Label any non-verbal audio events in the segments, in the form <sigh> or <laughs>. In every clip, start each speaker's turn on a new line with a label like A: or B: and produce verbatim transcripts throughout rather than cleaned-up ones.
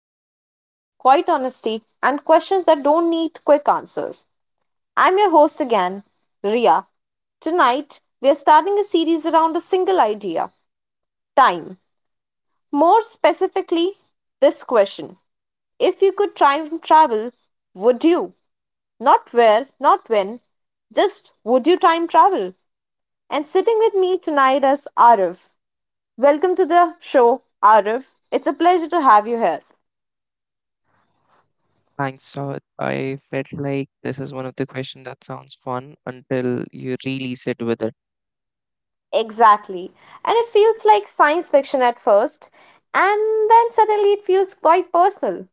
A: slow thoughts, quiet honesty, and questions that don't need quick answers. I'm your host again, Ria. Tonight, we are starting a series around a single idea: time. More specifically, this question: if you could time travel, would you? Not where, not when, just would you time travel? And sitting with me tonight is Arif. Welcome to the show, Arif. It's a pleasure to have you here.
B: Thanks, Saurabh. I felt like this is one of the questions that sounds fun until you really sit with it.
A: Exactly. And it feels like science fiction at first, and then suddenly it feels quite personal.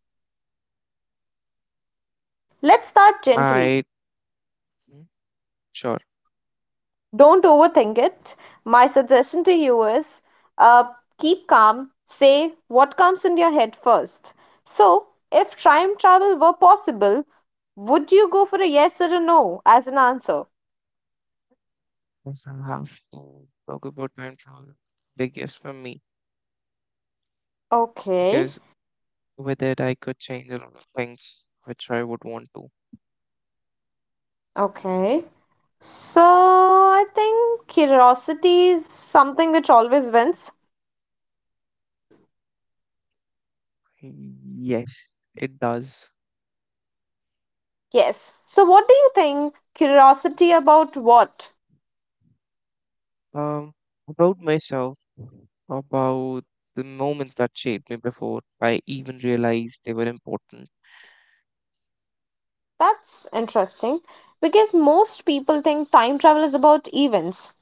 A: Let's start gently.
B: I mm, sure
A: Don't overthink it. My suggestion to you is uh, keep calm, say what comes in your head first. So, if time travel were possible, would you go for a yes or a no as an answer?
B: if I have to talk about time travel. Biggest for me
A: Okay,
B: because with it I could change a lot of things which I would want to.
A: okay. So I think curiosity is something which always wins.
B: Yes, it does.
A: Yes. So what do you think? Curiosity about what?
B: Um, about myself, about the moments that shaped me before I even realized they were important.
A: That's interesting because most people think time travel is about events,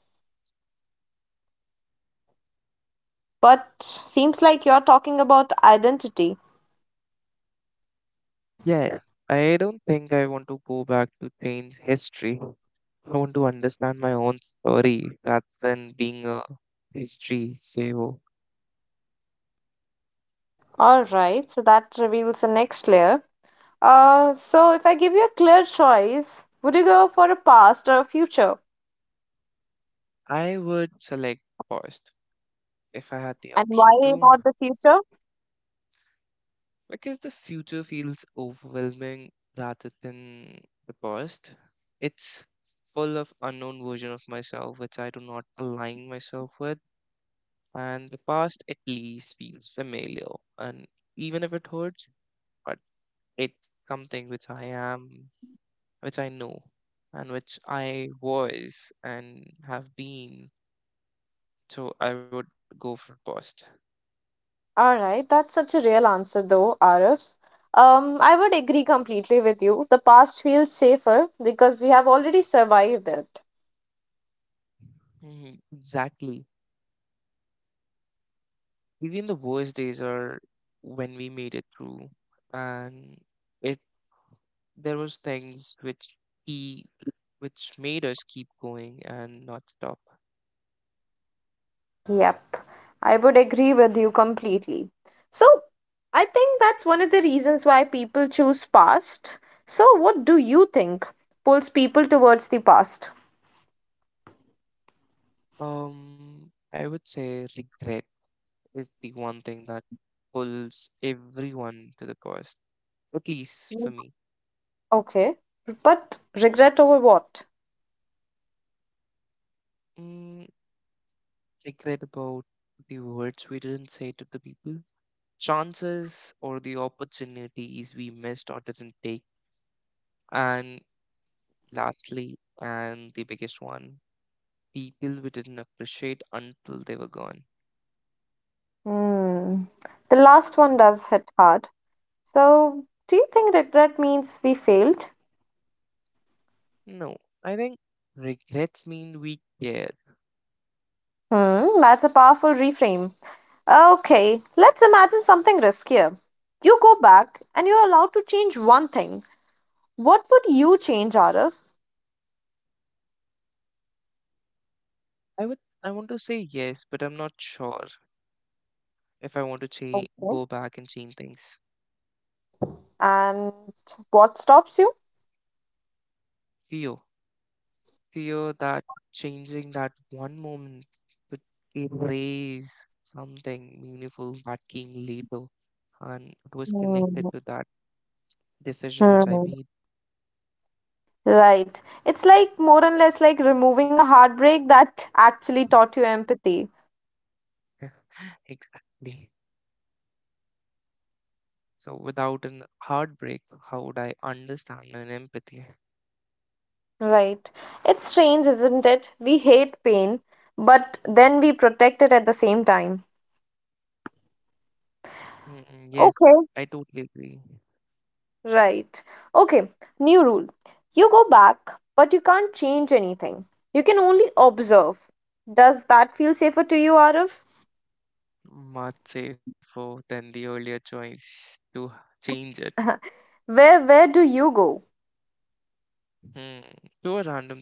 A: but seems like you're talking about identity.
B: Yes, I don't think I want to go back to change history. I want to understand my own story rather than being a history saver.
A: All right, so that reveals the next layer. Uh, so if I give you a clear choice, would you go for a past or a future?
B: I would select first if I had the
A: And why
B: option to,
A: not the future?
B: because the future feels overwhelming rather than the past. It's full of unknown version of myself which I do not align myself with, and the past at least feels familiar, and even if it hurts, but it's something which I am, which I know and which I was and have been. So I would go for cost.
A: All right, that's such a real answer, though, Arif. Um, I would agree completely with you. The past feels safer because we have already survived it.
B: Mhm. Exactly. Even the worst days are when we made it through, and it there was things which he which made us keep going and not stop.
A: Yep, I would agree with you completely. So, I think that's one of the reasons why people choose past. So, what do you think pulls people towards the past?
B: Um, I would say regret is the one thing that pulls everyone to the cost, at least for
A: Mm,
B: me.
A: okay, but regret over what?
B: Mm, Regret about the words we didn't say to the people, chances or the opportunities we missed or didn't take. And lastly, and the biggest one, people we didn't appreciate until they were gone.
A: Hmm, the last one does hit hard. So, do you think regret means we failed?
B: No, I think regrets mean we care.
A: Hmm, that's a powerful reframe. Okay, let's imagine something riskier. You go back and you're allowed to change one thing. What would you change, Arif?
B: I would I want to say yes, but I'm not sure if I want to change
A: Okay.
B: go back and change things.
A: And what stops you?
B: Fear fear that changing that one moment could erase something meaningful that came later. And it was connected
A: Hmm.
B: to that decision which I
A: Hmm.
B: made.
A: Right. It's like more and less like removing a heartbreak that actually taught you empathy.
B: <laughs> Exactly. So without an heartbreak, how would I understand an empathy?
A: Right. It's strange, isn't it? We hate pain, but then we protect it at the same time.
B: Mm, yes,
A: Okay.
B: I totally agree.
A: Right. Okay, new rule. You go back, but you can't change anything. You can only observe. Does that feel safer to you, Arif?
B: Much safer than the earlier choice to change it.
A: <laughs> Where where do you go?
B: Hmm. To a random.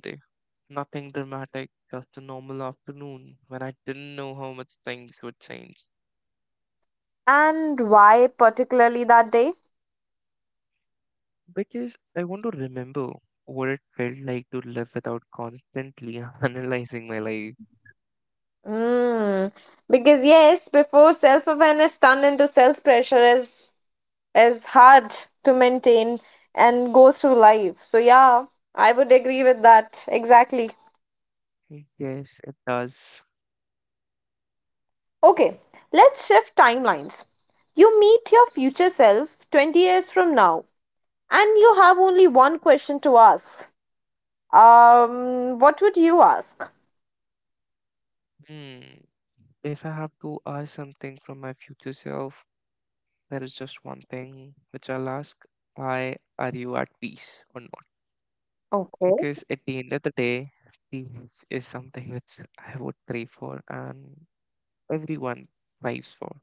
B: Nothing dramatic, just a normal afternoon when I didn't know how much things would change.
A: And why particularly that day?
B: Because I want to remember what it felt like to live without constantly <laughs> analyzing my life.
A: Mm, because yes, before self-awareness turned into self-pressure is is hard to maintain and go through life. So yeah, I would agree with that. Exactly.
B: Yes, it does.
A: Okay, let's shift timelines. You meet your future self twenty years from now, and you have only one question to ask. Um, what would you ask?
B: Hmm. If I have to ask something from my future self, there is just one thing which I'll ask. Why are you at peace or not?
A: Okay,
B: Because at the end of the day, peace is something which I would crave for and everyone thrives for.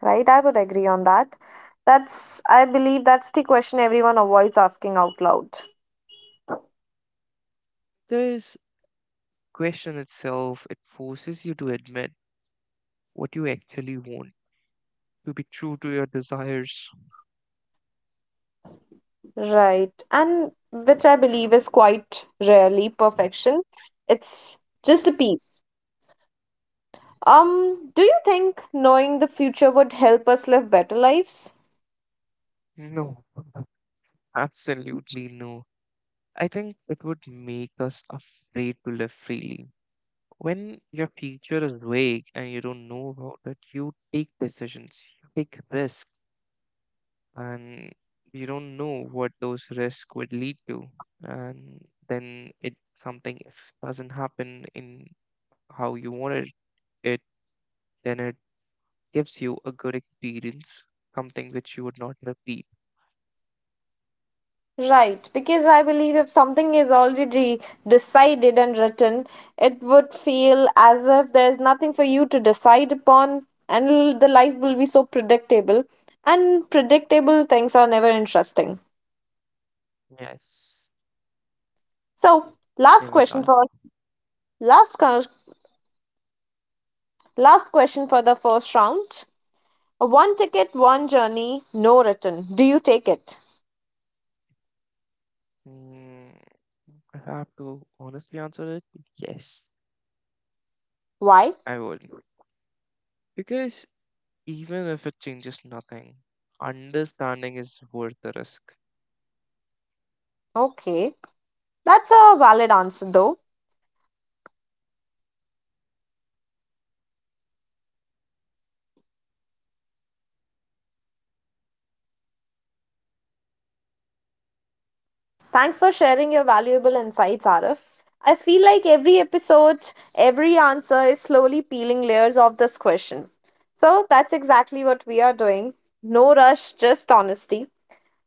A: right. I would agree on that. That's, I believe, that's the question everyone avoids asking out loud.
B: This question itself, it forces you to admit what you actually want, to be true to your desires.
A: Right. And which I believe is quite rarely perfection. It's just the peace. Um, do you think knowing the future would help us live better lives?
B: No, absolutely no. I think it would make us afraid to live freely. When your future is vague and you don't know about it, you take decisions, you take risks, and you don't know what those risks would lead to. And then it something if doesn't happen in how you wanted it, then it gives you a good experience, something which you would not repeat.
A: Right, because I believe if something is already decided and written, it would feel as if there's nothing for you to decide upon, and l- the life will be so predictable. And predictable things are never interesting.
B: Yes,
A: So,
B: it
A: last
B: never
A: question
B: does.
A: for last co- last question for the first round. One ticket, one journey, no return. Do you take it?
B: Mm, I have to honestly answer it. Yes,
A: Why?
B: I would. Because even if it changes nothing, understanding is worth the risk.
A: Okay. That's a valid answer, though. Thanks for sharing your valuable insights, Arif. I feel like every episode, every answer is slowly peeling layers of this question. So that's exactly what we are doing. No rush, just honesty.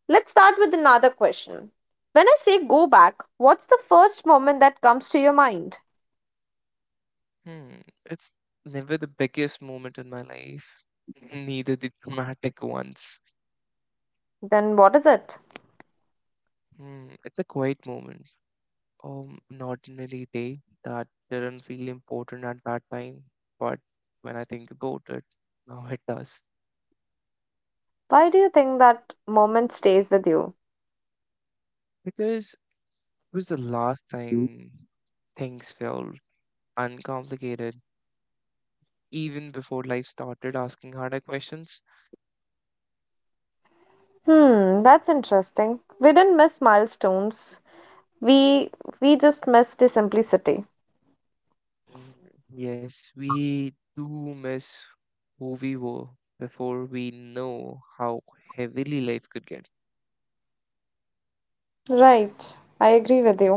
A: Let's start with another question. When I say go back, what's the first moment that comes to your mind?
B: Hmm, it's never the biggest moment in my life, neither the dramatic ones.
A: Then what is it?
B: Hmm, it's a quiet moment, um, an ordinary day that didn't feel important at that time, but when I think about it, now it does.
A: Why do you think that moment stays with you?
B: Because it was the last time things felt uncomplicated, even before life started asking harder questions.
A: Hmm, that's interesting. We didn't miss milestones, we we just miss the simplicity.
B: Mm, Yes, we do miss who we were before we know how heavily life could get.
A: Right, I agree with you.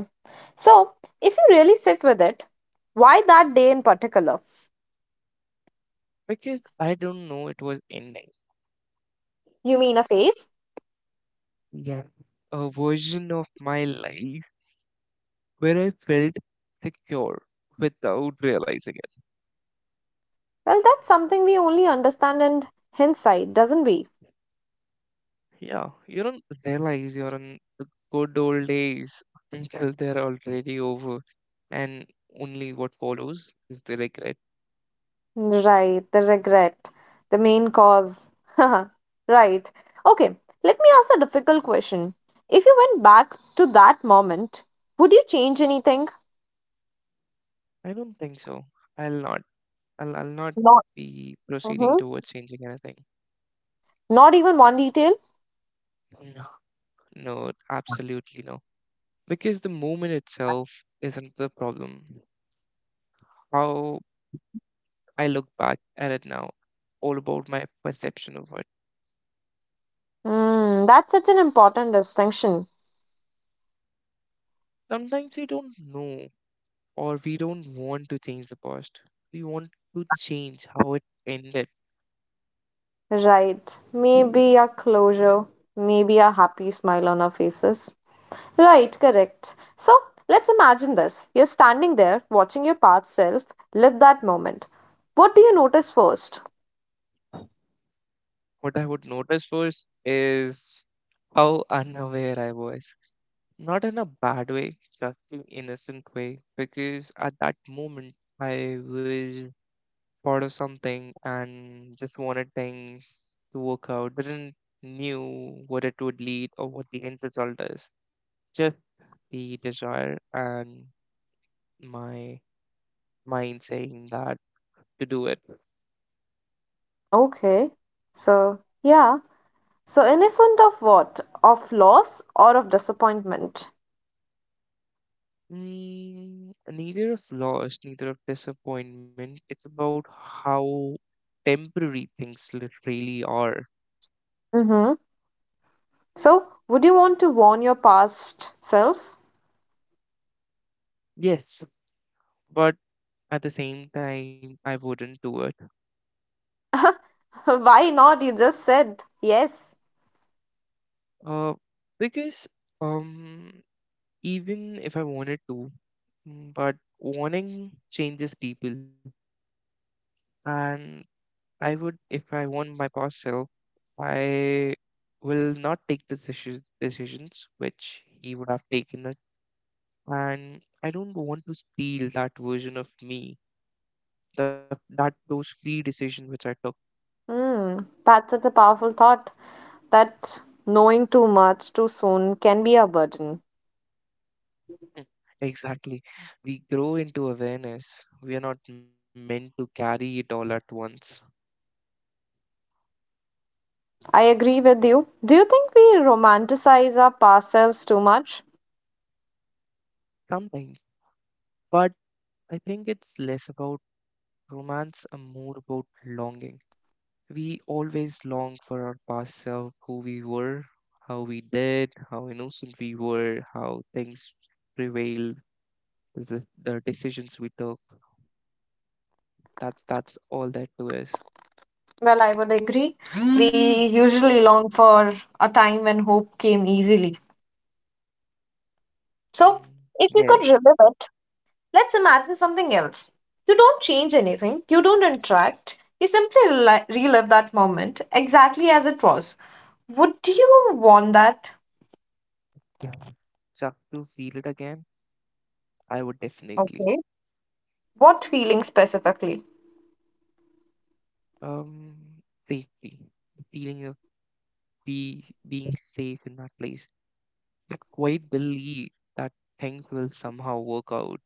A: So if you really sit with it, why that day in particular?
B: Because I don't know it was ending.
A: You mean a phase?
B: Yeah. A version of my life where I felt secure without realizing it.
A: Well, that's something we only understand in hindsight, doesn't we?
B: Yeah, you don't realize you're in the good old days until they're already over, and only what follows is the regret.
A: Right, the regret, the main cause. <laughs> Right. Okay, let me ask a difficult question. If you went back to that moment, would you change anything?
B: I don't think so. I'll not. I'll, I'll not
A: Not
B: be proceeding
A: Mhm.
B: towards changing anything.
A: Not even one detail.
B: No, no, absolutely no. Because the moment itself isn't the problem. How I look back at it now, all about my perception of it.
A: Mm, that's such an important distinction.
B: Sometimes you don't know or we don't want to change the past. We want to change how it ended.
A: Right. Maybe a closure, maybe a happy smile on our faces. Right, correct. So let's imagine this. You're standing there watching your past self live that moment. What do you notice first?
B: What I would notice first is how unaware I was. Not in a bad way, just an innocent way, because at that moment I was part of something and just wanted things to work out. Didn't knew what it would lead or what the end result is. Just the desire and my mind saying that to do it.
A: Okay. So, yeah. So, innocent of what? Of loss or of disappointment?
B: Mm, neither of loss, neither of disappointment. It's about how temporary things li- really are.
A: Mm-hmm. So, would you want to warn your past self?
B: Yes, but at the same time, I wouldn't do it.
A: <laughs> Why not? You just said yes.
B: Uh, because um, even if I wanted to, mm, but wanting changes people, and I would, if I want my past self, I will not take the decisions decisions which he would have taken, and I don't want to steal that version of me, the, that those free decisions which I took.
A: Hmm. That's such a powerful thought, that knowing too much too soon can be a burden.
B: Mm. Exactly. We grow into awareness. We are not meant to carry it all at once.
A: I agree with you. Do you think we romanticize our past selves too much?
B: Sometimes. But I think it's less about romance and more about longing. We always long for our past self, who we were, how we did, how innocent we were, how things prevailed, the, the decisions we took. That's that's all that too is.
A: Well, I would agree. We usually long for a time when hope came easily.
B: Mm.
A: So,
B: Yeah.
A: if you could relive it, let's imagine something else. You don't change anything, you don't interact, you simply reli- relive that moment exactly as it was. Would you want that?
B: Yeah. Just to feel it again, I would definitely.
A: Okay. What feeling specifically?
B: Um, Safety, the feeling of be being safe in that place. I quite believe that things will somehow work out.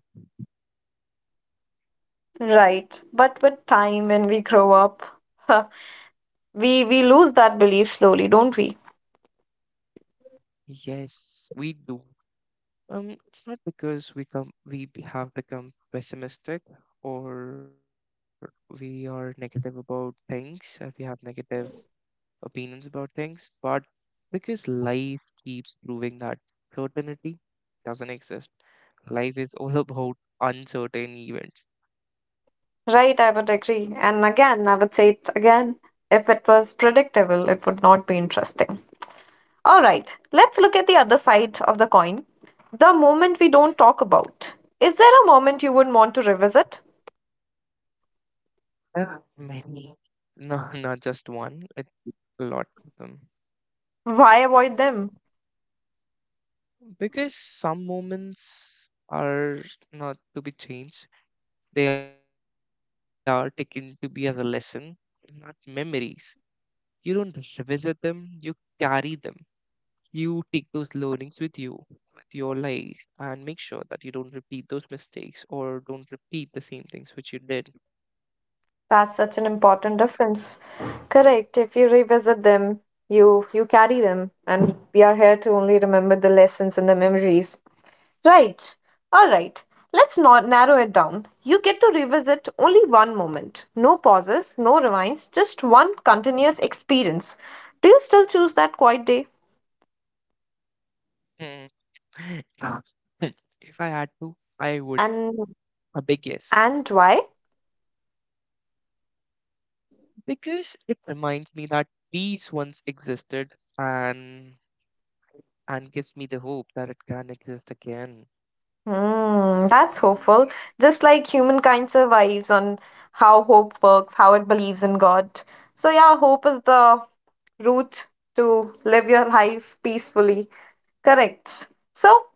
A: Right. But with time, when we grow up, <laughs> we we lose that belief slowly, don't we?
B: Yes, we do. Um, it's not because we come we b- have become pessimistic or we are negative about things, or we have negative opinions about things, but because life keeps proving that certainty doesn't exist. Life is all <laughs> about uncertain events.
A: Right, I would agree. And again, I would say it again, if it was predictable, it would not be interesting. All right, let's look at the other side of the coin. The moment we don't talk about. Is there a moment you would want to revisit?
B: Yeah. Many. No, not just one, it's a lot of them.
A: Why avoid them?
B: Because some moments are not to be changed, they are taken to be as a lesson, not memories. You don't revisit them, you carry them. You take those learnings with you with your life and make sure that you don't repeat those mistakes or don't repeat the same things which you did.
A: That's such an important difference. Correct. If you revisit them, you you carry them, and we are here to only remember the lessons and the memories. Right. All right. Let's not narrow it down. You get to revisit only one moment. No pauses, no rewinds, just one continuous experience. Do you still choose that quiet day?
B: Mm. <laughs> If I had to I would.
A: And
B: A big yes,
A: and why?
B: because it reminds me that peace once existed and and gives me the hope that it can exist again.
A: Hmm, that's hopeful. Just like humankind survives on how hope works, how it believes in God. So yeah, hope is the route to live your life peacefully. Correct. So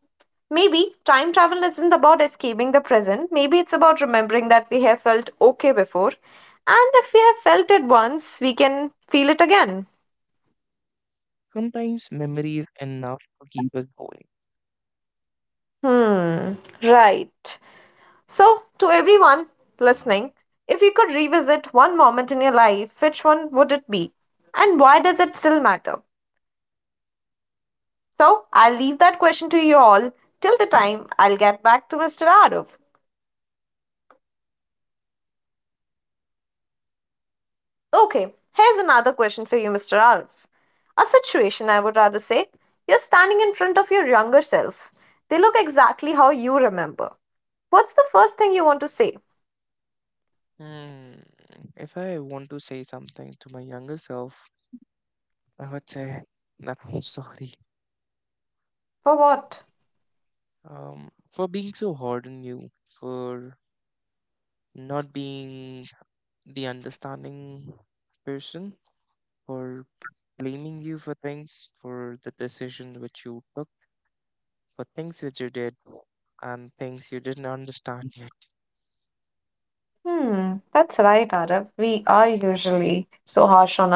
A: maybe time travel isn't about escaping the present. Maybe it's about remembering that we have felt okay before. And if we have felt it once, we can feel it again.
B: Sometimes memory is enough to keep us going.
A: Hmm, right. So, to everyone listening, if you could revisit one moment in your life, which one would it be? And why does it still matter? So, I'll leave that question to you all. Till the time, I'll get back to mister Arif. Okay, here's another question for you, mister Arif. A situation, I would rather say. You're standing in front of your younger self. They look exactly how you remember. What's the first thing you want to say?
B: Hmm. If I want to say something to my younger self, I would say that I'm sorry.
A: For what?
B: Um, for being so hard on you, for not being the understanding person, for blaming you for things, for the decision which you took, for things which you did, and things you didn't understand yet.
A: Hmm, that's right, Arif. We are usually so harsh on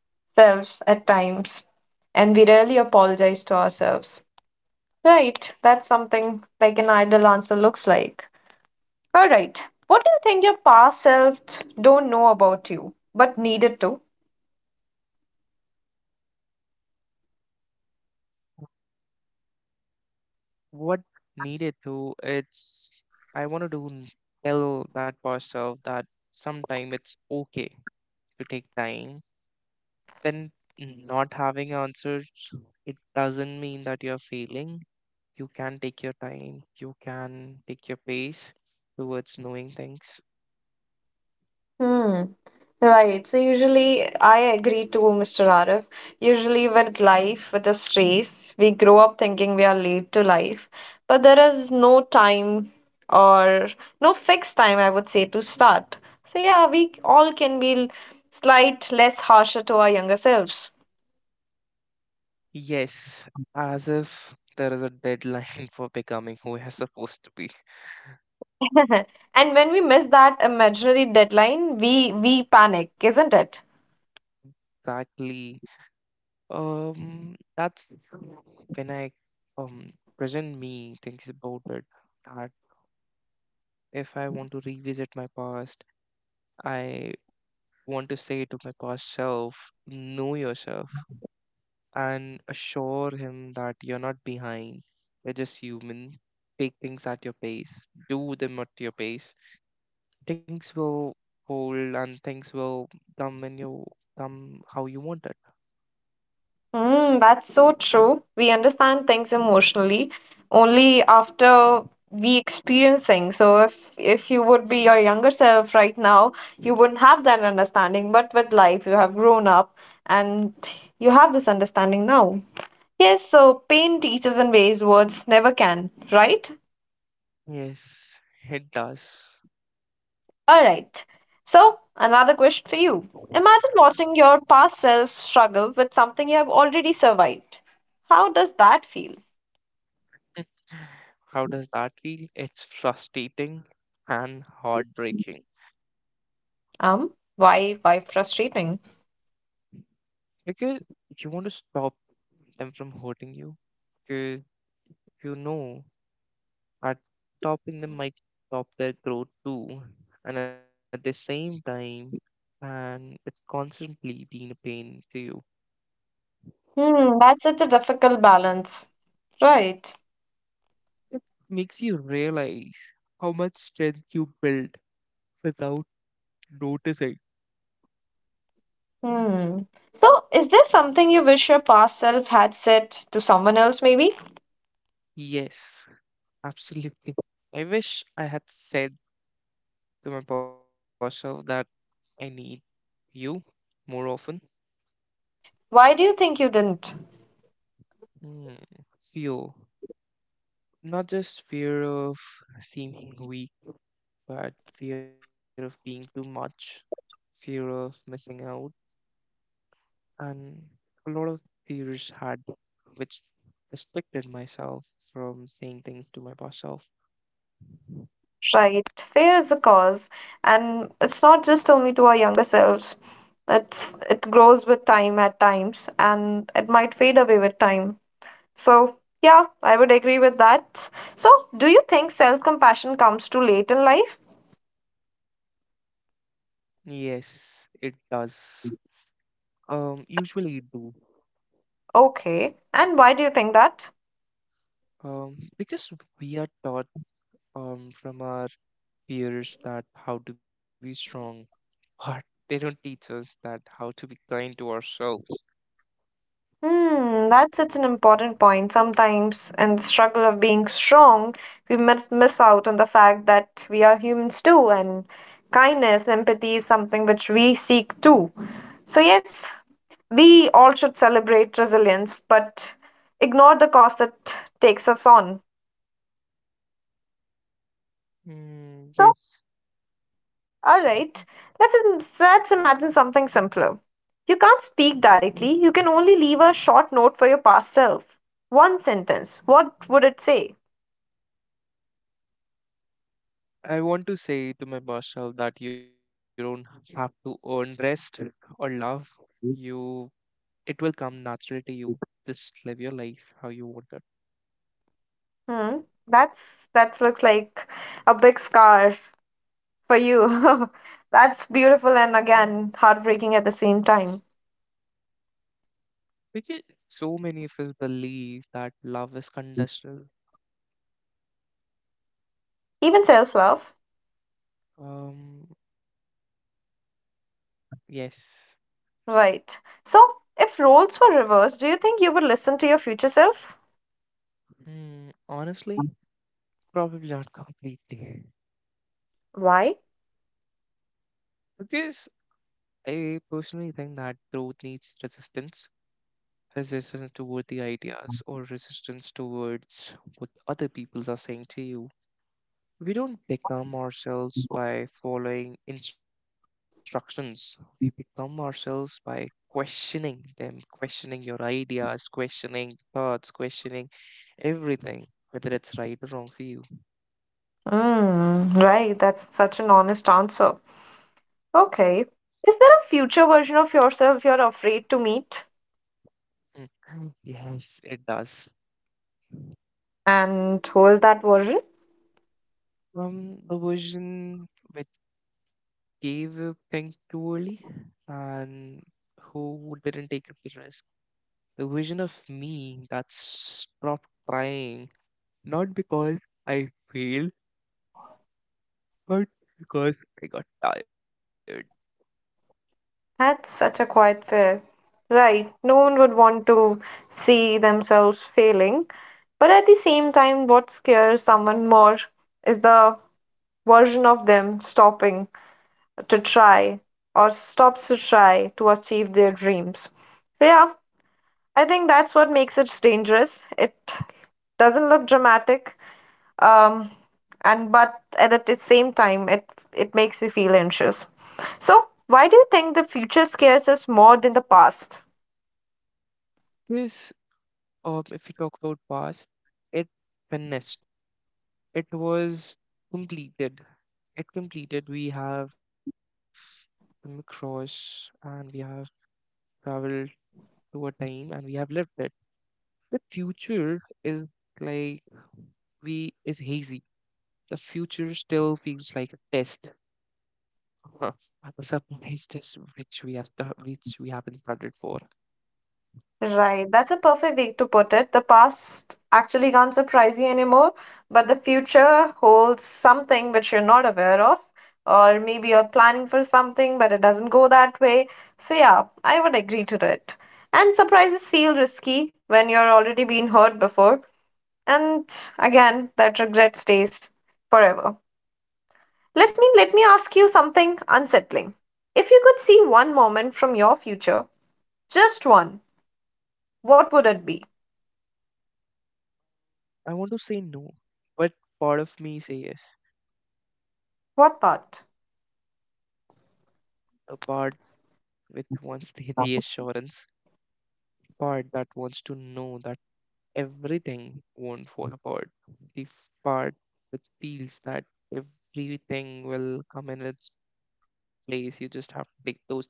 A: ourselves at times, and we rarely apologize to ourselves. Right, that's something like an idle answer looks like. All right, what do you think your past self don't know about you, but needed to?
B: What needed to, it's, I want to do, tell that myself that sometime it's okay to take time, then not having answers it doesn't mean that you're failing. You can take your time, you can take your pace towards knowing things.
A: Hmm. Right. So usually I agree too, mister Arif. Usually with life, with the stress, we grow up thinking we are late to life, but there is no time or no fixed time, I would say, to start. So yeah, we all can be l- slight less harsher to our younger selves.
B: Yes, as if there is a deadline <laughs> for becoming who you're supposed to be.
A: <laughs> And when we miss that imaginary deadline, we we panic, isn't it?
B: Exactly. Um that's when i um present me thinks about it, that if I want to revisit my past, I want to say to my past self, know yourself, and assure him that you're not behind. You're just human. Take things at your pace, do them at your pace. Things will fold and things will come when you come how you want it.
A: Mm, that's so true. We understand things emotionally only after we experience things. So if if you would be your younger self right now, you wouldn't have that understanding. But with life, you have grown up and you have this understanding now. Yes, so pain teaches in ways words never can, right?
B: Yes, it does.
A: All right. So another question for you. Imagine watching your past self struggle with something you have already survived. How does that feel?
B: <sighs> How does that feel? It's frustrating and heartbreaking
A: Um, why, why frustrating?
B: because you want to stop them from hurting you because you know, but stopping them might stop their growth too. And at the same time, and it's constantly being a pain to you.
A: Hmm, that's such a difficult balance. Right.
B: It makes you realize how much strength you built without noticing.
A: Hmm. So, is there something you wish your past self had said to someone else, maybe?
B: Yes, absolutely. I wish I had said to my boss self that I need you more often.
A: Why do you think you didn't?
B: Hmm. Fear. Not just fear of seeming weak, but fear of being too much, fear of missing out, and a lot of fears had which restricted myself from saying things to my past self.
A: Right. Fear is the cause, and it's not just only to our younger selves. It's it grows with time at times, and it might fade away with time. So, yeah, I would agree with that. So, do you think self-compassion comes too late in life?
B: Yes, it does. Um, usually it do.
A: Okay. And why do you think that?
B: Um, because we are taught um from our peers that how to be strong, <laughs> but they don't teach us that how to be kind to ourselves.
A: Hmm, that's such an important point. Sometimes, in the struggle of being strong, we miss, miss out on the fact that we are humans too, and kindness, empathy is something which we seek too. So, yes, we all should celebrate resilience, but ignore the cost it takes us on.
B: Mm,
A: So.
B: yes.
A: All right, let's let's imagine something simpler. You can't speak directly. You can only leave a short note for your past self. One sentence. What would it say?
B: I want to say to my myself that you don't have to earn rest or love. You It will come natural to you. Just live your life how you want it.
A: Hmm. That's that looks like a big scar for you. <laughs> That's beautiful and again heartbreaking at the same time.
B: Which is so many of us believe that love is conditional.
A: Even self-love.
B: Um yes.
A: Right. So, if roles were reversed, do you think you would listen to your future self?
B: Hmm, honestly, probably not <laughs> completely.
A: Why?
B: Because I personally think that growth needs resistance. Resistance toward the ideas or resistance towards what other people are saying to you. We don't become ourselves by following instructions. We become ourselves by questioning them, questioning your ideas, questioning thoughts, questioning everything, whether it's right or wrong for you.
A: Mm, right, that's such an honest answer. Okay. Is there a future version of yourself you're afraid to meet?
B: Mm. <clears throat> Mm. Yes, it does.
A: And who is that version?
B: Um, the version which gave up things too early and who didn't take up the risk. The version of me that stopped trying, not because I failed but because I got tired.
A: That's such a quiet fear. Right. No one would want to see themselves failing. But at the same time, what scares someone more is the version of them stopping to try or stops to try to achieve their dreams. So, yeah, I think that's what makes it dangerous. It doesn't look dramatic, um, and but at the same time, it it makes you feel anxious. So why do you think the future scares us more than the past?
B: Because um, if you talk about past, it finished. It was completed. It completed. We have come across and we have traveled to a time and we have lived it. The future is like we is hazy. The future still feels like a test, <laughs> a surprise test which we have sta- which we haven't started for.
A: Right, that's a perfect way to put it. The past actually can't surprise you anymore, but the future holds something which you're not aware of, or maybe you're planning for something, but it doesn't go that way. So, yeah, I would agree to it. And surprises feel risky when you're already been hurt before. And again, that regret stays forever. Let's mean, let me ask you something unsettling. If you could see one moment from your future, just one, what would it be?
B: I want to say no, but part of me say yes.
A: What part?
B: A part which wants the reassurance, <laughs> part that wants to know that everything won't fall apart, the part that feels that everything will come in its place. You just have to make those decisions and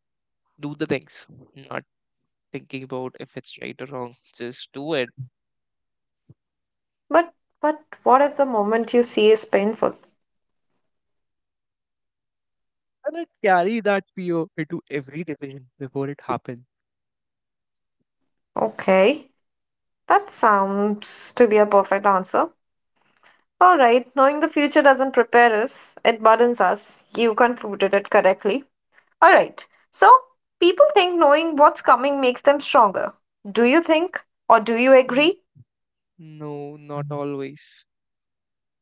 B: do the things, not thinking about if it's right or wrong. Just do it.
A: But but what if the moment you see is painful?
B: And I carry that fear into every decision before it happens.
A: Okay, that sounds to be a perfect answer. All right, knowing the future doesn't prepare us, it burdens us. You concluded it correctly. Alright, so people think knowing what's coming makes them stronger. Do you think or do you
B: N-
A: agree?
B: No, not always.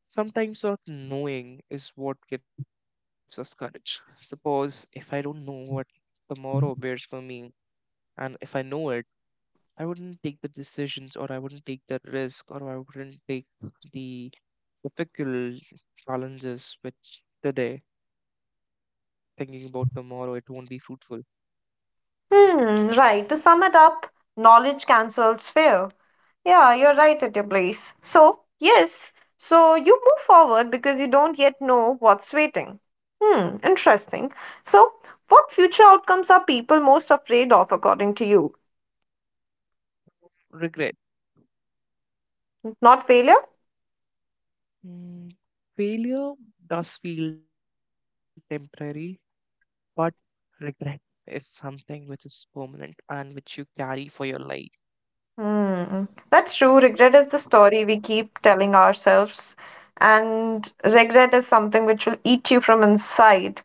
B: Sometimes not knowing is what gives us courage. Suppose if I don't know what tomorrow bears for me, and if I know it, I wouldn't take the decisions or I wouldn't take the risk or I wouldn't take the difficult challenges which today, thinking about tomorrow, it won't be fruitful.
A: Hmm, right. To sum it up, knowledge cancels fear. Yeah, you're right at your place. So, yes, so you move forward because you don't yet know what's waiting. Hmm, interesting. So, what future outcomes are people most afraid of according to you?
B: Regret.
A: Not failure?
B: Mm, failure does feel temporary, but regret is something which is permanent and which you carry for your life.
A: Hmm, that's true. Regret is the story we keep telling ourselves, and regret is something which will eat you from inside.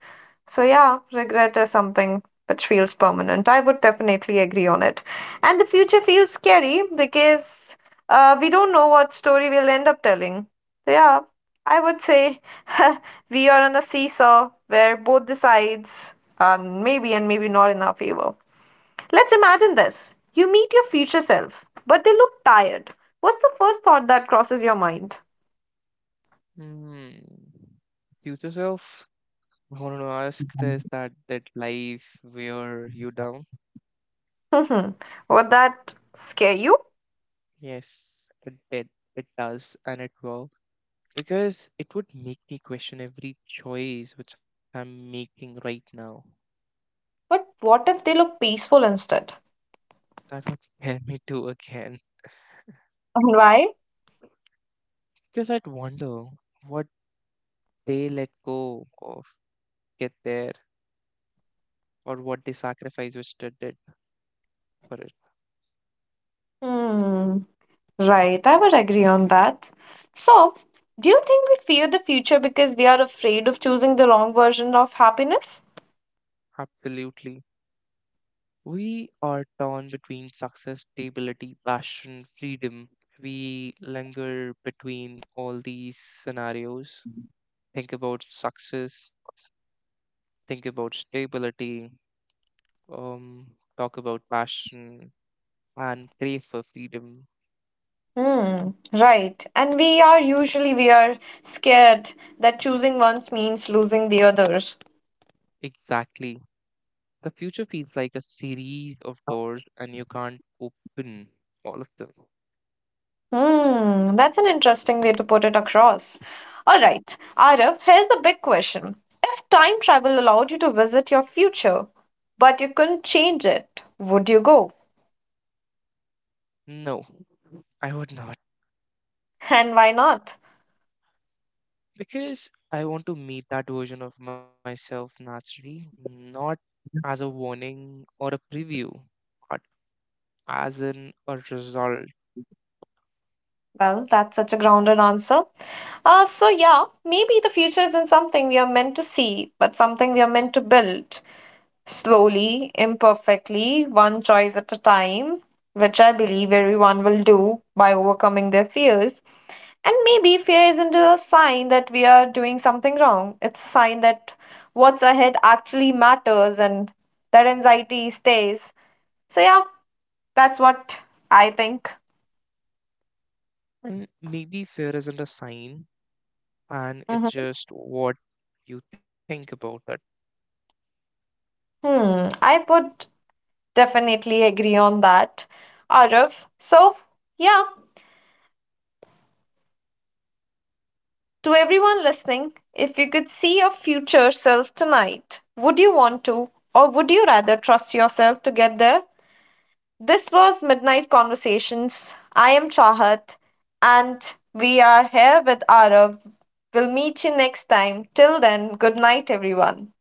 A: So, yeah, regret is something which feels permanent. I would definitely agree on it. And the future feels scary because uh, we don't know what story we'll end up telling. So, yeah, I would say <laughs> we are on a seesaw where both the sides are maybe and maybe not in our favor. Let's imagine this. You meet your future self, but they look tired. What's the first thought that crosses your mind? <laughs>
B: Mm. Future self, I want to ask this that did life wear you down?
A: Would that scare you?
B: Yes, it did. It does, and it will. Because it would make me question every choice which I'm making right now.
A: But what if they look peaceful instead?
B: That would scare me too again.
A: And why?
B: Because I'd wonder what they let go of, get there, or what they sacrifice which they did for it.
A: Hmm. Right, I would agree on that. So, do you think we fear the future because we are afraid of choosing the wrong version of happiness?
B: Absolutely. We are torn between success, stability, passion, freedom. We linger between all these scenarios. Think about success, think about stability, um, talk about passion, and crave for freedom.
A: Hmm, right. And we are usually we are scared that choosing once means losing the others.
B: Exactly. The future feels like a series of doors, and you can't open all of them.
A: Hmm, that's an interesting way to put it across. All right, Arif, here's the big question. If time travel allowed you to visit your future, but you couldn't change it, would you go?
B: No, I would not.
A: And why not?
B: Because I want to meet that version of myself naturally, not as a warning or a preview, but as an a result.
A: Well, that's such a grounded answer. Uh, so, yeah, maybe the future isn't something we are meant to see, but something we are meant to build slowly, imperfectly, one choice at a time, which I believe everyone will do by overcoming their fears. And maybe fear isn't a sign that we are doing something wrong. It's a sign that what's ahead actually matters and that anxiety stays. So, yeah, that's what I think.
B: And maybe fear isn't a sign, and it's
A: Mhm.
B: just what you think about it.
A: Hmm, I would definitely agree on that, Arav. So, yeah, to everyone listening, if you could see your future self tonight, would you want to, or would you rather trust yourself to get there? This was Midnight Conversations. I am Chahat, and we are here with Arav. We'll meet you next time. Till then, good night, everyone.